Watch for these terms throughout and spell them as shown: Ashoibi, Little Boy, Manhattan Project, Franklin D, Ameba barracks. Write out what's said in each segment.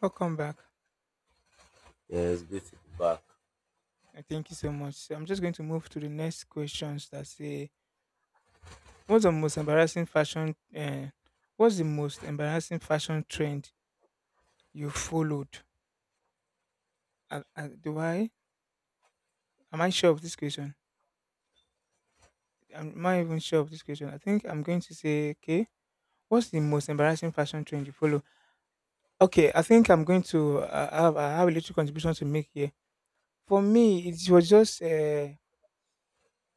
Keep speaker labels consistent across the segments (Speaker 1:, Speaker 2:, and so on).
Speaker 1: Welcome back.
Speaker 2: Yes, it's good to be back.
Speaker 1: I thank you so much. So I'm just going to move to the next questions that say, "What's the most embarrassing fashion? Uh, what's the most embarrassing fashion trend you followed? Do I? Am I sure of this question? Am I even sure of this question? I think I'm going to say, okay. What's the most embarrassing fashion trend you follow? Okay, I think I'm going to have a little contribution to make here. For me, it was just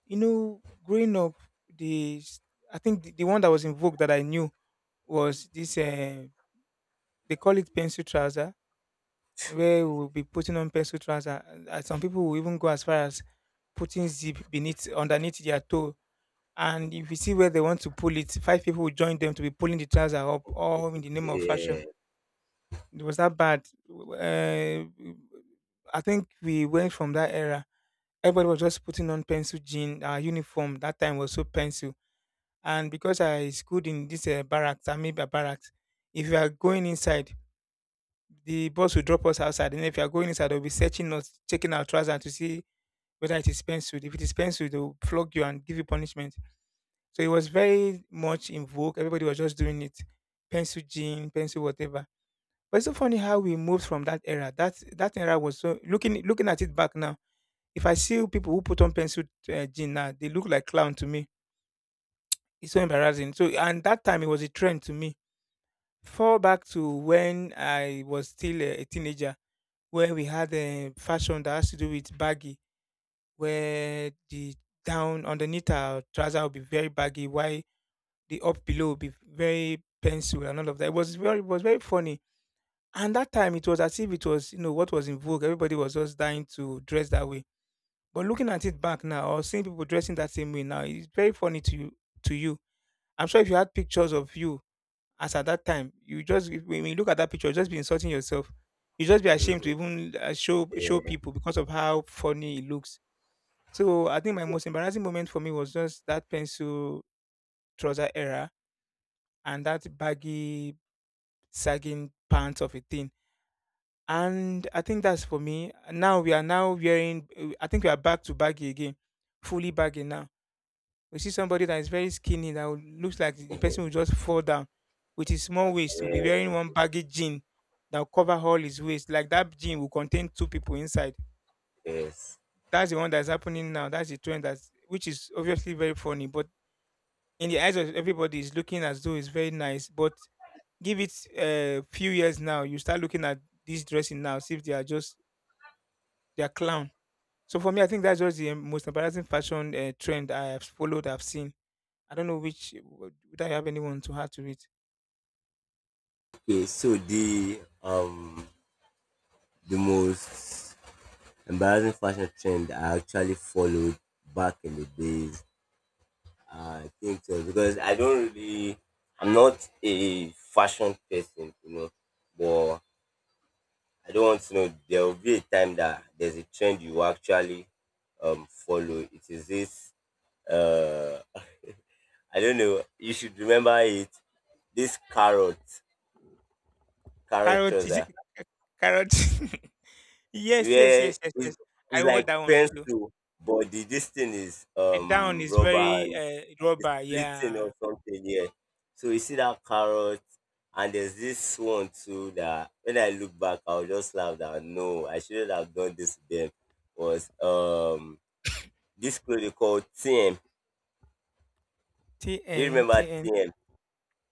Speaker 1: Growing up, the s- I think the one that was in vogue that I knew was this. They call it pencil trouser, where we'll be putting on pencil trouser, and some people will even go as far as putting zip beneath underneath their toe. And if you see where they want to pull it, five people will join them to be pulling the trouser up, all in the name of fashion.
Speaker 2: Yeah,
Speaker 1: It was that bad. I think we went from that era. Everybody was just putting on pencil jean. Our uniform that time was so pencil, and because I schooled in this barracks, Ameba barracks, if you are going inside, the boss will drop us outside. And if you are going inside, they'll be searching us, checking our trousers to see whether it is penciled. If it is penciled, they'll flog you and give you punishment. So it was very much in vogue. Everybody was just doing it. Pencil jean, pencil whatever. But it's so funny how we moved from that era. That era was so, looking at it back now. If I see people who put on pencil jean now, they look like clown to me. It's so embarrassing. So and that time it was a trend to me. Fall back to when I was still a teenager, where we had a fashion that has to do with baggy, where the down underneath our trouser would be very baggy, while the up below would be very pencil and all of that. It was very funny. And that time, it was as if it was, what was in vogue. Everybody was just dying to dress that way. But looking at it back now, or seeing people dressing that same way now, it's very funny to you. To you, I'm sure if you had pictures of you as at that time, you just, when you look at that picture, you'll just be insulting yourself. You just be ashamed to even show
Speaker 2: yeah,
Speaker 1: people because of how funny it looks. So I think my most embarrassing moment for me was just that pencil trouser era and that baggy sagging pants of a thing. And I think that's for me. Now we are now wearing. I think we are back to baggy again, fully baggy now. We see somebody that is very skinny that would, looks like the person will just fall down with his small waist will be
Speaker 2: yeah,
Speaker 1: wearing one baggy jean that will cover all his waist, like that jean will contain two people inside.
Speaker 2: yes.
Speaker 1: That's the one that's happening now. That's the trend, that's which is obviously very funny, but in the eyes of everybody is looking as though it's very nice. But give it a few years now, you start looking at this dressing now, see if they are just, they are clown. So for me, I think that's just the most embarrassing fashion trend I have followed, I've seen. I don't know which would, I have anyone to add to it.
Speaker 2: Okay, so the the most embarrassing fashion trend I actually followed back in the days, I think so because I don't really, I'm not a fashion person, you know, but I don't want to know. There will be a time that there's a trend you actually follow. It is this uh I don't know. You should remember it. This carrot
Speaker 1: Carrot, is it
Speaker 2: trouser,
Speaker 1: eh, carrot? Yes, yes,
Speaker 2: where
Speaker 1: yes, yes, yes. I
Speaker 2: it's
Speaker 1: wore
Speaker 2: like
Speaker 1: that one too.
Speaker 2: pencil, but the this thing is
Speaker 1: The down is
Speaker 2: rubber
Speaker 1: very
Speaker 2: and it's
Speaker 1: rubber.
Speaker 2: splitting or
Speaker 1: Yeah.
Speaker 2: something. Yeah. So you see that carrot, and there's this one too that when I look back, I'll just laugh that no, I shouldn't have done this to them. Was this clothing called TM.
Speaker 1: T
Speaker 2: Do you
Speaker 1: N
Speaker 2: remember
Speaker 1: T N.
Speaker 2: TM?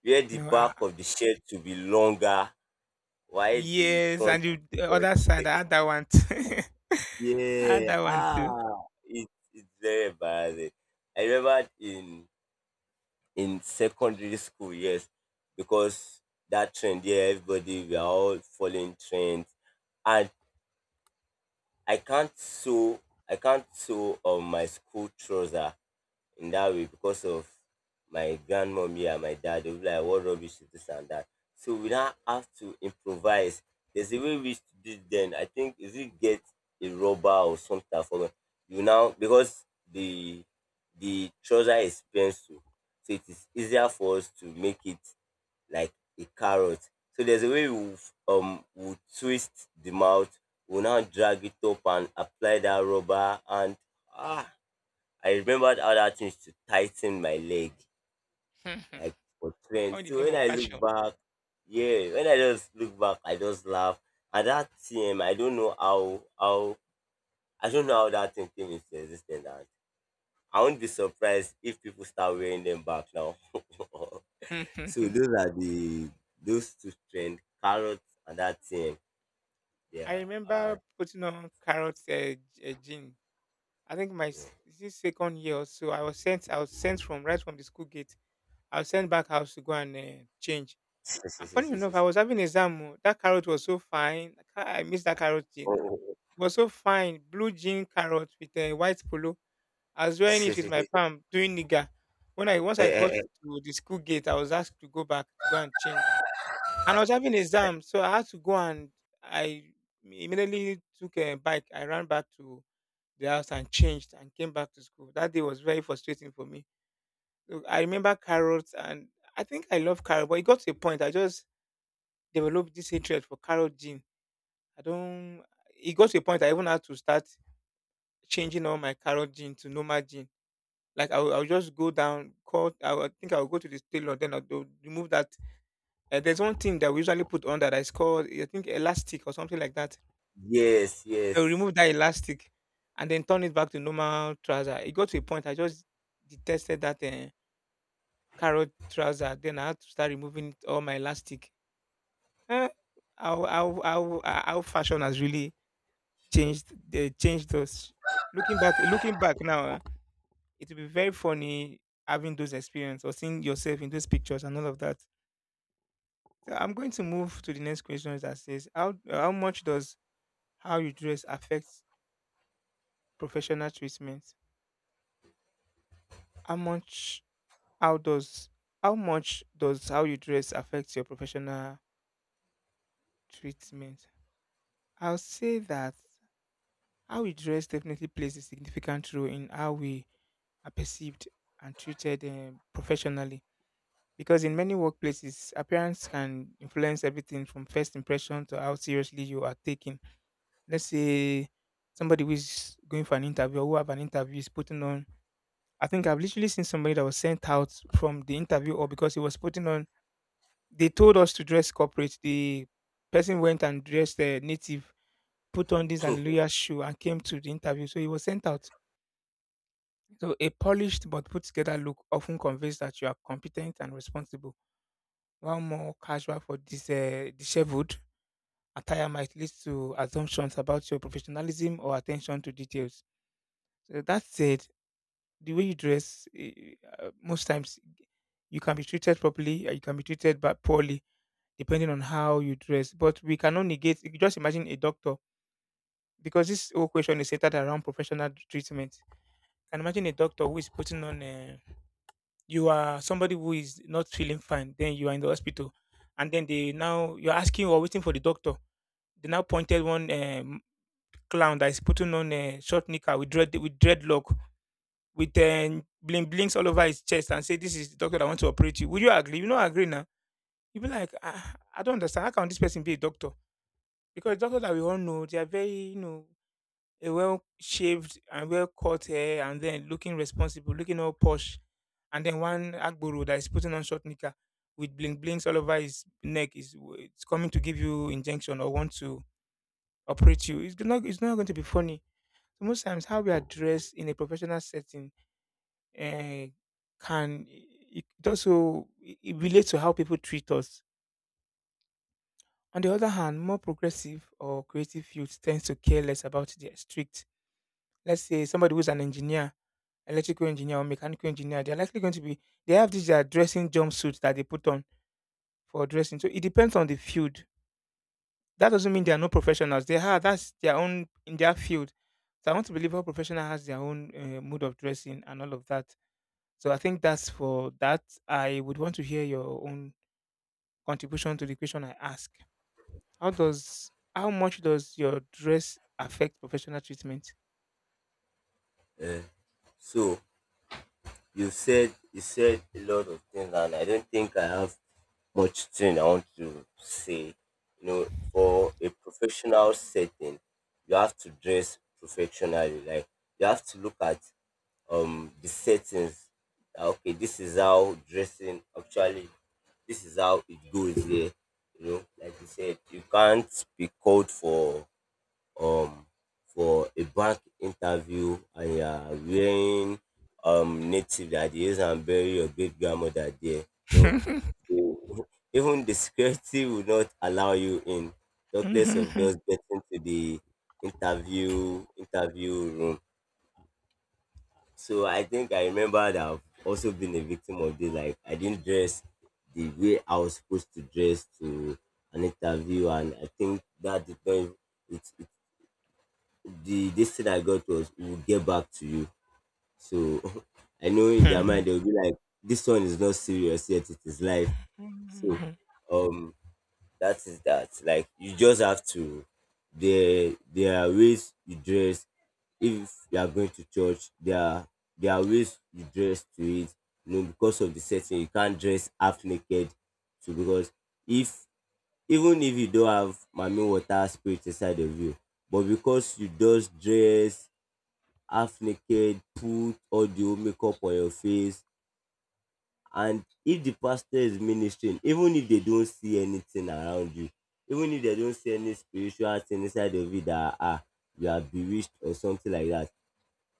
Speaker 2: Where the
Speaker 1: No.
Speaker 2: back of the shirt to be longer. Why the
Speaker 1: Yes, and
Speaker 2: front is
Speaker 1: the
Speaker 2: short?
Speaker 1: other side I had that one. Too. I had
Speaker 2: Yeah.
Speaker 1: that one
Speaker 2: Ah.
Speaker 1: too.
Speaker 2: It, it's very embarrassing. I remember in secondary school, yes, because that trend, yeah, everybody we are all following trends, and I can't sew, I can't sew on my school trouser in that way because of my grandmommy and my dad. They'll be like, what rubbish is this and that. So we now have to improvise. There's a way we used to do it then. I think if you get a rubber or something for you now because the the trouser is pencil, so it is easier for us to make it like a carrot. So there's a way we we twist the mouth, we now drag it up and apply that rubber and ah, I remembered other things to tighten my leg, like for
Speaker 1: All
Speaker 2: trend.
Speaker 1: in the
Speaker 2: So
Speaker 1: name
Speaker 2: when
Speaker 1: of
Speaker 2: I look
Speaker 1: fashion.
Speaker 2: back, yeah, when I just look back, I just laugh. And that thing. I don't know how I don't know how that thing came into existence. And I won't be surprised if people start wearing them back now. So those are the those two trend, carrots and that thing.
Speaker 1: I
Speaker 2: Yeah. Ah,
Speaker 1: remember putting on carrot jean. I think
Speaker 2: yeah.
Speaker 1: is it second year or so, I was sent from right from the school gate. I was sent back house to go and change. And funny enough, I was having exam, oh, that carrot was so fine. Kai, I miss that carrot thing. It was so fine. Blue jean carrot with a white polo. I was wearing it with my palm doing nigga. When I once I got to the school gate, I was asked to go back to go and change. And I was having exam, so I had to go and I immediately took a bike. I ran back to the house and changed and came back to school. That day was very frustrating for me. Look, I remember carrots, and I think I love carrot, but it got to a point I just developed this hatred for carrot jeans. I don't It got to a point I even had to start changing all my carrot gin to normal gin. Like I'll just go down, call. I think I'll go to the tailor, then I'll remove that. There's one thing that we usually put on that is called, I think, elastic or something like that.
Speaker 2: yes,
Speaker 1: They'll
Speaker 2: yes.
Speaker 1: remove that elastic and then turn it back to normal trouser. It got to a point I just detested that carrot trouser. Then I had to start removing all my elastic. Eh, our fashion has really changed. They changed us. Looking back now, it will be very funny having those experience or seeing yourself in those pictures and all of that. So I'm going to move to the next question that says, how much does how you dress affect professional treatment? How much how does how much does how you dress affect your professional treatment? I'll say that how we dress definitely plays a significant role in how we are perceived and treated professionally. Because in many workplaces, appearance can influence everything from first impression to how seriously you are taken. Let's say somebody who is going for an interview, or who have an interview, is putting on. I think I've literally seen somebody that was sent out from the interview or because he was putting on. They told us to dress corporate. The person went and dressed native, put on this hallelujah shoe and came to the interview. So he was sent out. So a polished but put together look often conveys that you are competent and responsible. While more casual for this disheveled attire might lead to assumptions about your professionalism or attention to details. So that said, the way you dress, most times you can be treated properly, or you can be treated but poorly, depending on how you dress. But we cannot negate. You just imagine a doctor, because this whole question is centered around professional treatment. Can imagine a doctor who is putting on. You are somebody who is not feeling fine. Then you are in the hospital, and then they now you're asking or waiting for the doctor. They now pointed one clown that is putting on a short knicker with dreadlock, with bling blings all over his chest and say, "This is the doctor that wants to operate you." Would you agree? You not agree now. You be like, ah, I don't understand. How can this person be a doctor? Because doctors that we all know, they are very, you know, a well shaved and well cut hair, and then looking responsible, looking all posh, and then one agboro that is putting on short knicker with bling blings all over his neck is, it's coming to give you injection or want to operate you. It's not going to be funny. So most times how we are dressed in a professional setting uh, can it also it relates to how people treat us. On the other hand, more progressive or creative youth tends to care less about their strict. Let's say somebody who's an engineer, electrical engineer or mechanical engineer, they're likely going to be, they have this their dressing jumpsuit that they put on for dressing. So it depends on the field. That doesn't mean they are no professionals. They are. That's their own in their field. So I want to believe all professional has their own mode of dressing and all of that. So I think that's for that. I would want to hear your own contribution to the question I ask. How does, how much does your dress affect professional treatment?
Speaker 2: Uh, so you said a lot of things, and I don't think I have much thing I want to say. You know, for a professional setting, you have to dress professionally. Like you have to look at the settings. That, okay, this is how dressing actually. This is how it goes here. You know, like you said, you can't be called um for a bank interview and you are wearing native that dey use am bury your great grandmother there. No, they- even the security will not allow you in, talkless of just getting to the interview room. So I think I remember that I've also been a victim of this. Like I didn't dress the way I was supposed to dress to an interview, and I think that did not it, the this thing I got was we'll get back to you. So I know in their mind they'll be like, this one is not serious yet, it is life. So um that is that. Like you just have to there are ways you dress. If you are going to church, there are ways you dress to it. You know, because of the setting, you can't dress half naked. So because if even if you don't have mommy water spirit inside of you, but because you just dress half naked, put audio makeup on your face. And if the pastor is ministering, even if they don't see anything around you, even if they don't see any spiritual thing inside of you that ah, you are bewitched or something like that,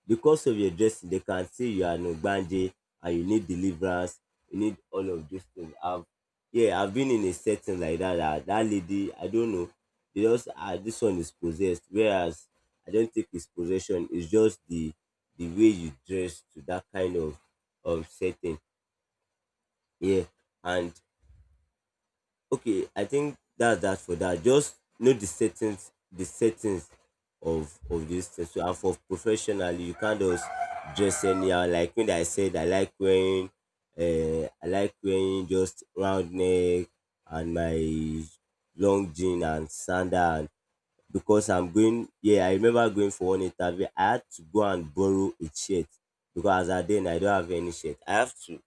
Speaker 2: because of your dressing, they can say you are an Ogbanje and you need deliverance, you need all of those things. I've yeah, I've been in a setting like that. That lady, I don't know, they just ah this one is possessed. Whereas I don't think it's possession, it's just the way you dress to that kind of setting. Yeah. And okay, I think that's that for that. Just know the settings of this thing. So and for professionally you can't just dress anyhow. Like when I said I like wearing I like wearing just round neck and my long jean and sandal and because I'm going, yeah, I remember going for one interview, I had to go and borrow a shirt because as at then I don't have any shirt.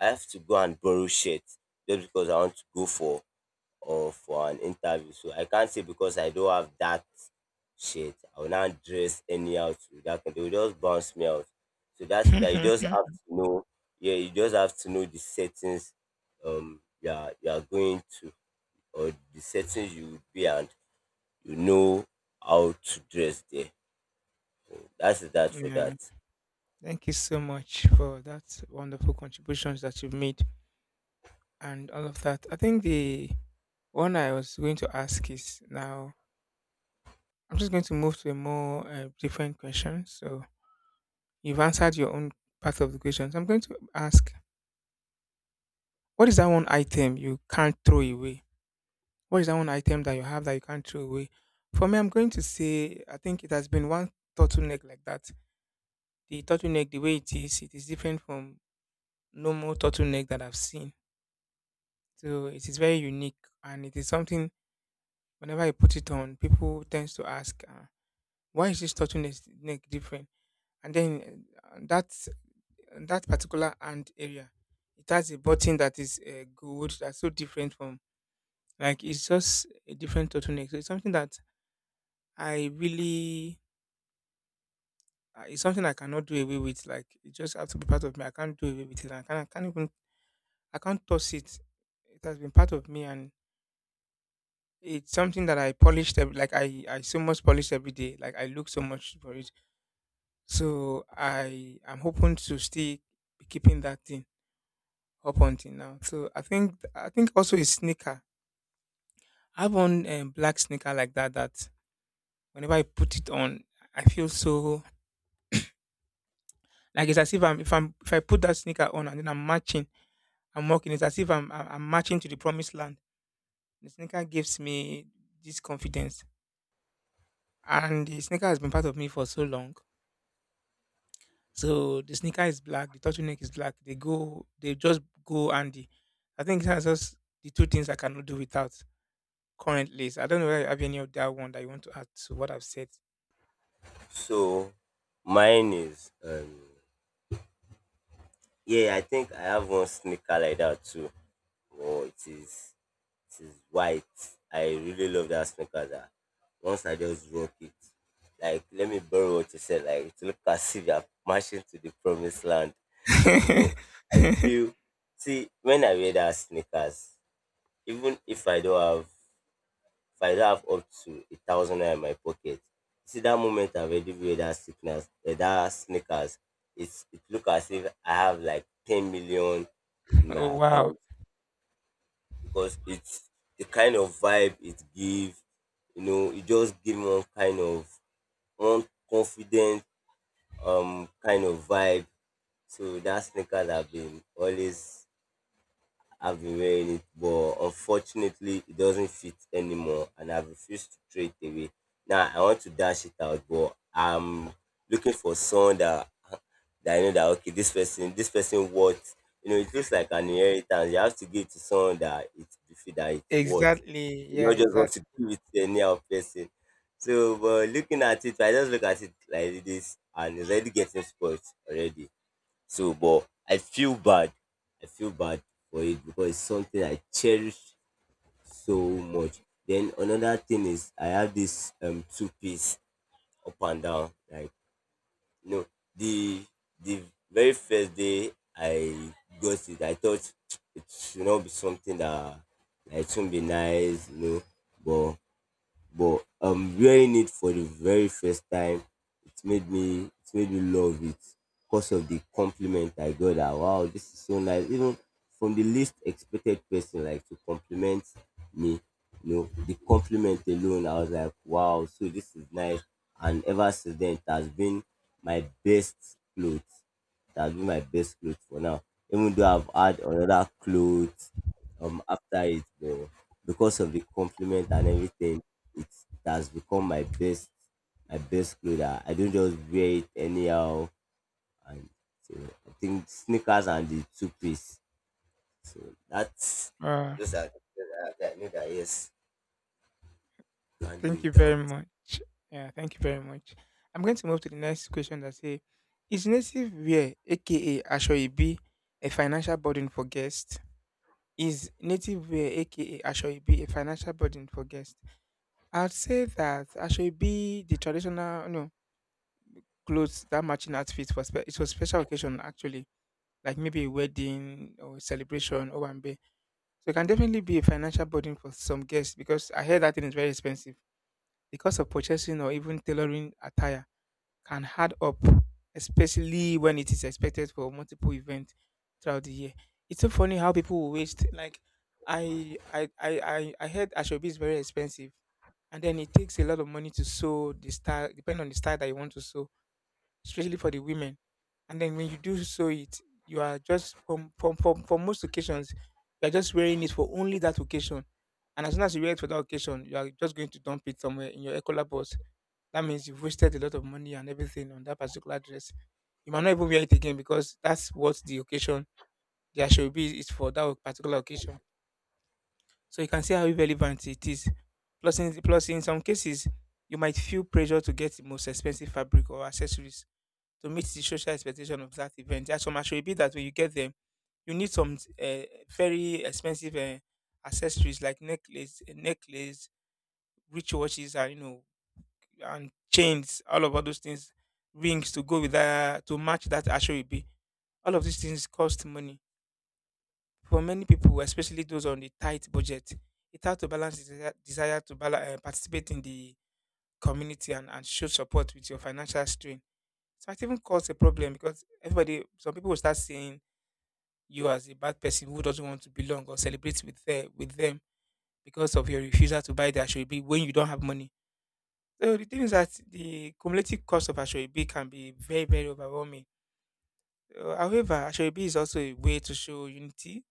Speaker 2: I have to go and borrow shirt just because I want to go for or for an interview. So I can't say because I don't have that shit, I will not dress anyhow to that. They will just bounce me out. So that's it. That you just have to know. Yeah, you just have to know the settings you are going to or the settings you would be and you know how to dress there. That's that for
Speaker 1: Yeah.
Speaker 2: that.
Speaker 1: Thank you so much for that wonderful contributions that you've made and all of that. I think the one I was going to ask is now, I'm just going to move to a more different question. So you've answered your own part of the question. So I'm going to ask, what is that one item you can't throw away? What is that one item that you have that you can't throw away? For me, I'm going to say I think it has been one turtleneck like that. The turtleneck, the way it is different from normal turtleneck that I've seen. So it is very unique, and it is something. Whenever I put it on, people tends to ask, "Why is this turtleneck neck different?" And then that that particular hand area, it has a button that is gold, that's so different from, like, it's just a different turtleneck, so it's something that I really it's something I cannot do away with. Like, it just has to be part of me. I can't do away with it. I can't even, I can't toss it. It has been part of me, and it's something that I polished every, like I so much polish every day. Like, I look so much for it. So I am hoping to still be keeping that thing up until now. So I think also a sneaker. I have one black sneaker like that that whenever I put it on, I feel so, like, it's as if I'm if I'm if I put that sneaker on and then I'm marching, I'm walking. It's as if I'm marching to the promised land. The sneaker gives me this confidence, and the sneaker has been part of me for so long. So the sneaker is black, the turtleneck is black. They go, they just go, and I think that's just the two things I cannot do without. Current list. I don't know whether you have any of that one that you want to add to what I've said.
Speaker 2: So mine is yeah, I think I have one sneaker like that too. Oh, it is white. I really love that sneakers. Ah. Once I just rock it, like let me borrow what you said. Like it look as if you're marching to the promised land. You know, I feel. See, when I wear that sneakers, even if I don't have, if I don't have up to 1,000 naira in my pocket, see that moment I've already wear that sneakers, eh, that sneakers, it look as if I have like 10 million in my
Speaker 1: Oh, wow.
Speaker 2: account because it's the kind of vibe it gives. You know, it just give one kind of one confident kind of vibe. So that sneakers have been always I've been wearing it, but unfortunately, it doesn't fit anymore, and I've refused to throw it away. Now I want to dash it out, but I'm looking for someone that I know that okay, this person worth. You know, it looks like an inheritance. You have to give it to someone that it befit that it's worth.
Speaker 1: Exactly.
Speaker 2: You
Speaker 1: Yeah,
Speaker 2: not just want
Speaker 1: exactly.
Speaker 2: to give it to any other person. So, but looking at it, I just look at it like this, and it's already getting spoiled already. So, but I feel bad. I feel bad for it because it's something I cherish so much. Then another thing is I have this two-piece up and down. Like you know, the the very first day I got it, I thought it should not be something that like, it won't be nice, you know. But but wearing it for the very first time, it made me love it because of the compliment I got that wow, this is so nice, even from the least expected person like to compliment me. You know, the compliment alone I was like wow, so this is nice. And ever since then it has been my best clothes. It has been my best clothes for now, even though I've had another clothes after it. But because of the compliment and everything, it has become my best clothes. I don't just wear it anyhow. And so I think sneakers and the two piece. So that's
Speaker 1: Uh,
Speaker 2: those are the things that I know that yes can do
Speaker 1: Thank you very
Speaker 2: without.
Speaker 1: much. Yeah, thank you very much. I'm going to move to the next question that say is native wear aka Ashoibi a financial burden for guests? Is native wear aka Ashoibi a financial burden for guests? I'd say that Ashoibi, the traditional, you know, clothes, that matching outfit for spe- it was special occasion actually, like maybe a wedding or celebration or one. So it can definitely be a financial burden for some guests because I heard that thing is very expensive. The cost of purchasing or even tailoring attire can add up, especially when it is expected for multiple events throughout the year. It's so funny how people will waste, like, I heard Ashobi is very expensive, and then it takes a lot of money to sew the style depending on the style that you want to sew, especially for the women. And then when you do sew it, you are just from for most occasions, you are just wearing it for only that occasion. And as soon as you wear it for that occasion, you are just going to dump it somewhere in your Ecola box. That means you've wasted a lot of money and everything on that particular dress. You might not even wear it again because that's what the occasion there should be is for that particular occasion. So you can see how relevant it is. Plus in some cases, you might feel pressure to get the most expensive fabric or accessories to meet the social expectation of that event. There are some attribute that when you get them, you need some very expensive accessories like necklace, necklace, rich watches, and you know, and chains, all of all those things, rings to go with that to match that attribute. All of these things cost money for many people, especially those on the tight budget. It's hard to balance the desire to bala participate in the community and show support with your financial strain. So it even cause a problem because everybody, some people will start saying you as a bad person who doesn't want to belong or celebrate with the, with them because of your refusal to buy the Ashwebi when you don't have money. So the thing is that the cumulative cost of Ashwebi can be very, very overwhelming. However, Ashwebi is also a way to show unity,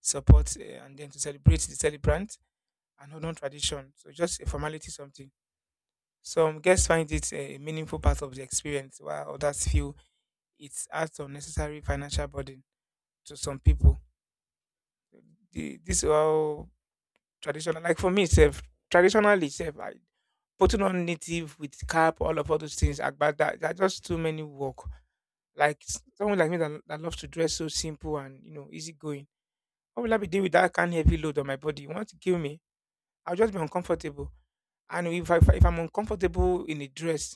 Speaker 1: support, and then to celebrate the celebrant and hold on tradition. So just a formality something. Some guests find it, eh, a meaningful part of the experience, while others feel it adds unnecessary financial burden to some people. The, this all Traditional, like for me sef, traditionally sef, I putting on native with cap, all of all those things, agbada, there are just too many work. Like someone like me that, that loves to dress so simple and, you know, easy going. How will I be dealing with that kind of heavy load on my body? You want to kill me? I'll just be uncomfortable. And if I'm uncomfortable in a dress,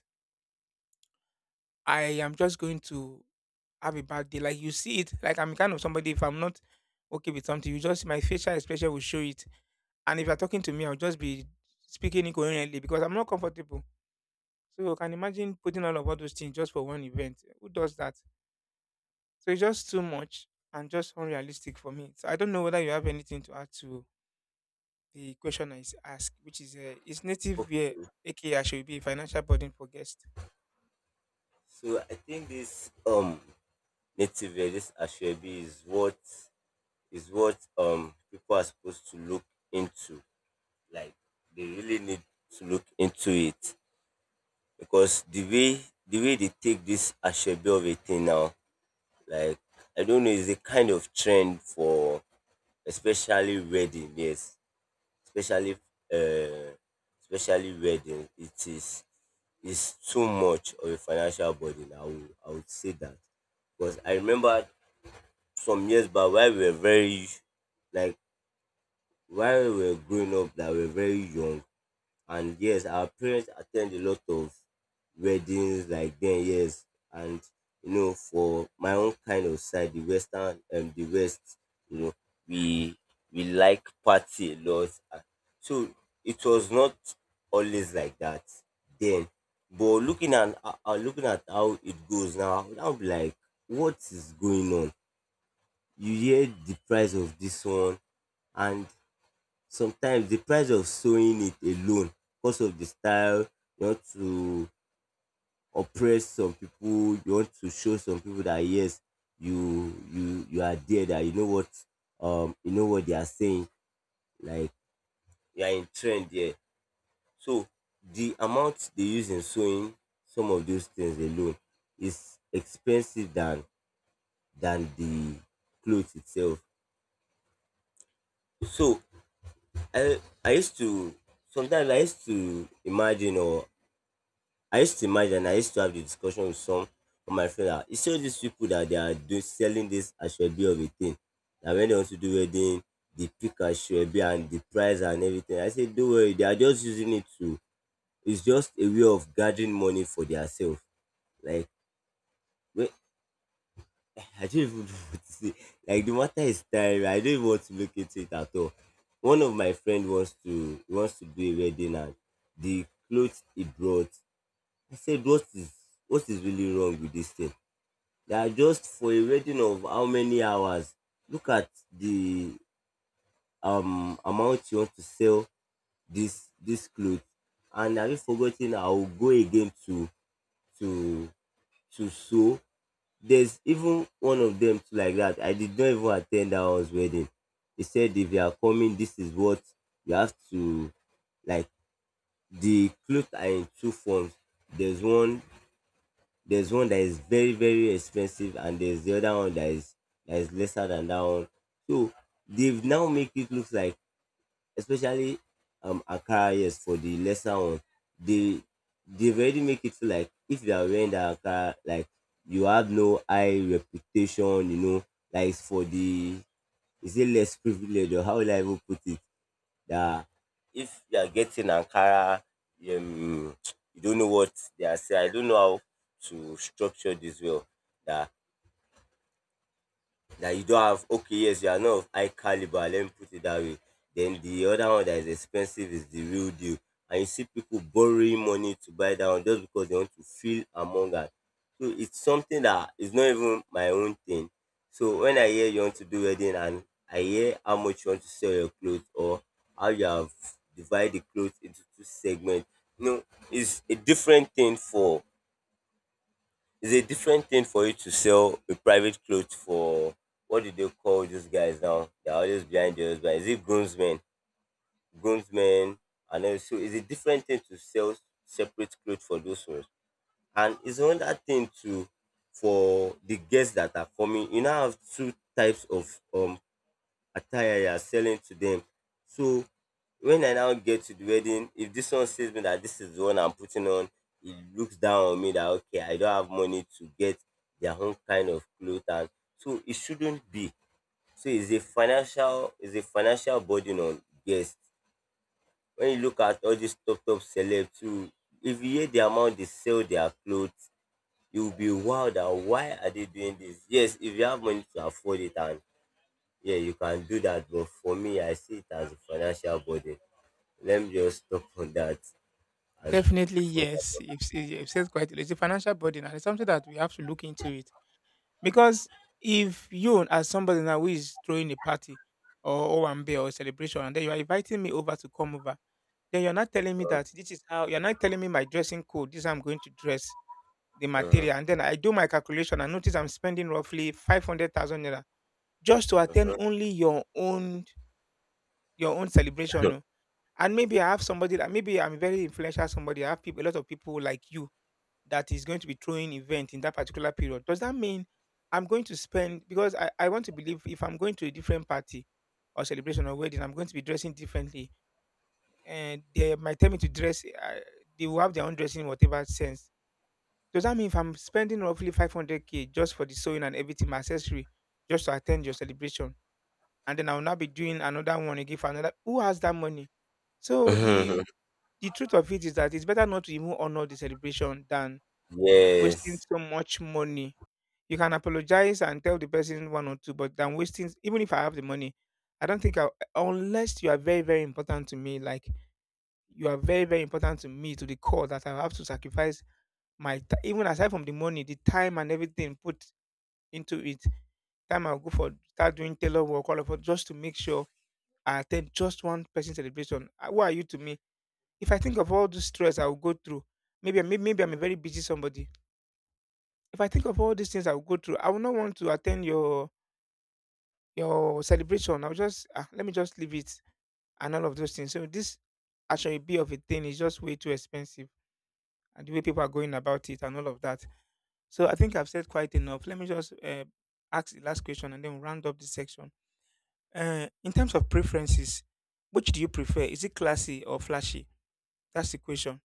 Speaker 1: I am just going to have a bad day. Like, you see it, like, I'm kind of somebody. If I'm not okay with something, you just my facial expression will show it. And if you're talking to me, I'll just be speaking incoherently because I'm not comfortable. So you can imagine putting all of all those things just for one event. Who does that? So it's just too much and just unrealistic for me. So I don't know whether you have anything to add to the question I asked, which is native
Speaker 2: Okay.
Speaker 1: wear aka I should be a financial burden for guests?
Speaker 2: So I think this native wear, this ashwebi is what people are supposed to look into. Like they really need to look into it because the way they take this ashwebi of a thing now. Like I don't know, it's a kind of trend for especially wedding. Yes, especially uh, especially wedding. It is too much of a financial burden. I would say that. Because I remember some years back while we were very, like while we were growing up, that we were very young. And yes, our parents attend a lot of weddings like then, yes. And you know, for my own kind of side, the western and the west, you know, we we like party a lot. So it was not always like that then. But looking at how it goes now, I'll be like, what is going on? You hear the price of this one. And sometimes the price of sewing it alone, because of the style you want to oppress some people, you want to show some people that yes, you are there, that you know what, you know what they are saying, like you are in trend there. So the amount they use in sewing some of those things alone is expensive than the clothes itself. So I used to, sometimes I used to imagine or I used to imagine, I used to have the discussion with some of my friends that it's all these people that they are doing selling this ashwabi of a thing. That when they want to do wedding, they pick ashwabi and the price and everything. I said, don't worry, they are just using it to. It's just a way of gathering money for themselves. Like, wait, I don't even know what to say. Like the matter is tiring. I don't even want to look into it at all. One of my friend wants to do a wedding and the clothes he brought. I said, what is really wrong with this thing? That just for a reading of how many hours, look at the amount you want to sell this cloth. And have you forgotten I will go again to to sew. There's even one of them too like that. I did not even attend that one's wedding. He said if you are coming, this is what you have to, like, the cloth are in two forms. There's one there's one that is very very expensive, and there's the other one that is lesser than that one. So they've now make it look like, especially akara, yes, for the lesser one, they they've already make it feel like if you are wearing that akara, like you have no high reputation, you know, like it's for the, is it less privileged, or how will I even put it? That if you are getting Ankara, um, you don't know what they are saying. I don't know how to structure this well. That that you don't have, okay, yes, you are not of high caliber, let me put it that way. Then the other one that is expensive is the real deal, and you see people borrowing money to buy that one just because they want to feel among us. So it's something that is not even my own thing. So when I hear you want to do wedding and I hear how much you want to sell your clothes, or how you have divided the clothes into two segments, you know, it's a different thing for it's a different thing for you to sell a private cloth for, what do they call these guys now? They're always behind the husband. Is it groomsmen? Groomsmen. And also it's a different thing to sell separate clothes for those ones. And it's another thing to for the guests that are coming. You now have two types of attire you are selling to them. So when I now get to the wedding, if this one says me that this is the one I'm putting on, it looks down on me that okay, I don't have money to get their own kind of clothes, and so it shouldn't be. So it's a financial burden on guests. When you look at all these top top celebs too, if you hear the amount they sell their clothes, you'll be wow, that why are they doing this? Yes, if you have money to afford it and yeah, you can do that, but for me, I see it as a financial burden. Let me just stop on that as
Speaker 1: Definitely
Speaker 2: for that.
Speaker 1: yes. If says quite a lot. It's a financial burden and it's something that we have to look into it. Because if you as somebody now who is throwing a party or Owambe or celebration, and then you are inviting me over to come over, then you're not telling me that this is how, you're not telling me my dressing code, this is how I'm going to dress the
Speaker 2: Uh-huh.
Speaker 1: material. And then I do my calculation and notice I'm spending roughly 500,000 naira just to attend only your own celebration. Oh. And maybe I have somebody that maybe I'm very influential somebody, I have people, a lot of people like you that is going to be throwing event in that particular period. Does that mean I'm going to spend, because I want to believe if I'm going to a different party or celebration or wedding, I'm going to be dressing differently, and they might tell me to dress, they will have their own dressing in whatever sense. Does that mean if I'm spending roughly 500K just for the sewing and everything my accessory just to attend your celebration, and then I'll now be doing another one again for another who has that money? So the truth of it is that it's better not to even honor the celebration than wasting
Speaker 2: Yes,
Speaker 1: so much money. You can apologize and tell the person one or two, but than wasting, even if I have the money, I don't think I, unless you are very, very important to me, like you are very, very important to me to the core that I have to sacrifice my even aside from the money, the time and everything put into it. Time I'll go for start doing tailor work, all of it, just to make sure I attend just one person celebration. Ah, who are you to me? If I think of all the stress I will go through, maybe, maybe I'm a very busy somebody. If I think of all these things I will go through, I will not want to attend your celebration. I'll just, ah, let me just leave it and all of those things. So this actually be of a thing is just way too expensive, and the way people are going about it and all of that. So I think I've said quite enough. Let me just ask the last question and then we'll round up this section. In terms of preferences, which do you prefer? Is it classy or flashy? That's the question.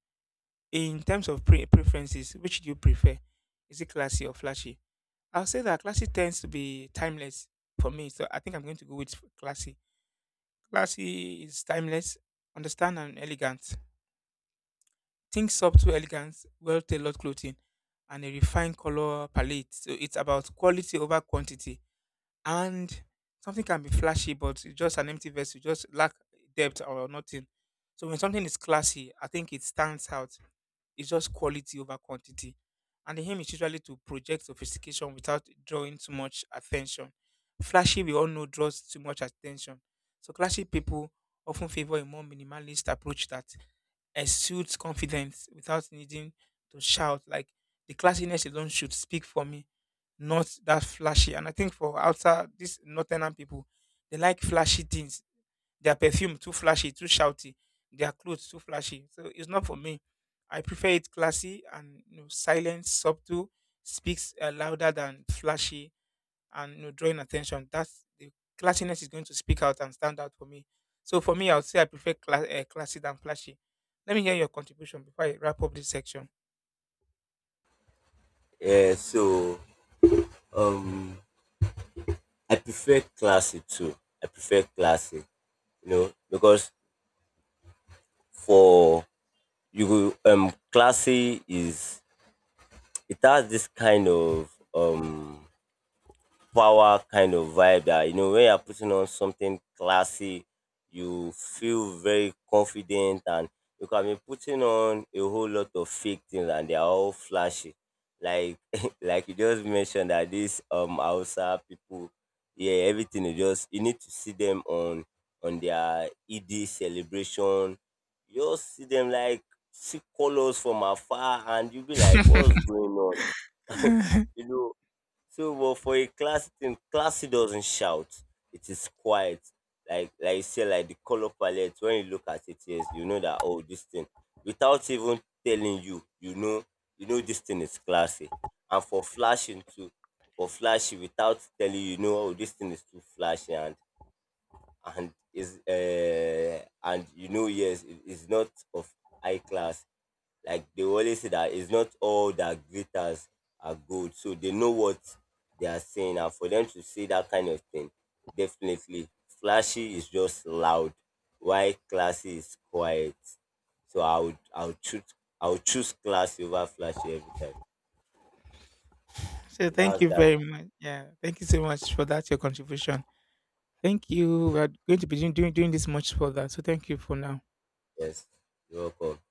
Speaker 1: In terms of preferences, which do you prefer? Is it classy or flashy? I'll say that classy tends to be timeless for me, so I think I'm going to go with classy. Classy is timeless, understand and elegant. Think subtle elegance, well tailored clothing, and a refined color palette. So it's about quality over quantity. And something can be flashy, but it's just an empty vessel, just lack depth or nothing. So when something is classy, I think it stands out. It's just quality over quantity. And the aim is usually to project sophistication without drawing too much attention. Flashy, we all know, draws too much attention. So classy people often favor a more minimalist approach that exudes confidence without needing to shout. Like, the classiness alone should speak for me, not that flashy. And I think for outside these northern people, they like flashy things, their perfume too flashy, too shouty. Their clothes too flashy. So it's not for me. I prefer it classy and, you know, silent, subtle, speaks louder than flashy and, you know, drawing attention. That's the classiness is going to speak out and stand out for me. So for me, I would say I prefer classy than flashy. Let me hear your contribution before I wrap up this section.
Speaker 2: yeah, so um, I prefer classic too. I prefer classic, you know, because for you, classy is, it has this kind of power kind of vibe that, you know, when you're putting on something classy, you feel very confident. And you can be putting on a whole lot of fake things and they're all flashy. Like like you just mentioned that these Hausa people, yeah, everything is just, you need to see them on their ED celebration. You just see them like see colors from afar and you be like, what's going on? You know, so, well, for a class thing, classy doesn't shout. It is quiet. Like you say, like the color palette. When you look at it, yes, you know that oh, this thing. Without even telling you, you know this thing is classy. And for flashing too, for flashy, without telling you, you know, oh, this thing is too flashy, and is and you know yes it is not of high class. Like they always say that it's not all that glitters are gold, so they know what they are saying, and for them to say that kind of thing, definitely flashy is just loud while classy is quiet. So I would choose classy over flashy every time.
Speaker 1: So
Speaker 2: So
Speaker 1: thank
Speaker 2: that's
Speaker 1: you
Speaker 2: that.
Speaker 1: very much. Yeah, thank you so much for that your contribution. Thank you. We are going to be doing this much further. So thank you for now.
Speaker 2: Yes, you're welcome.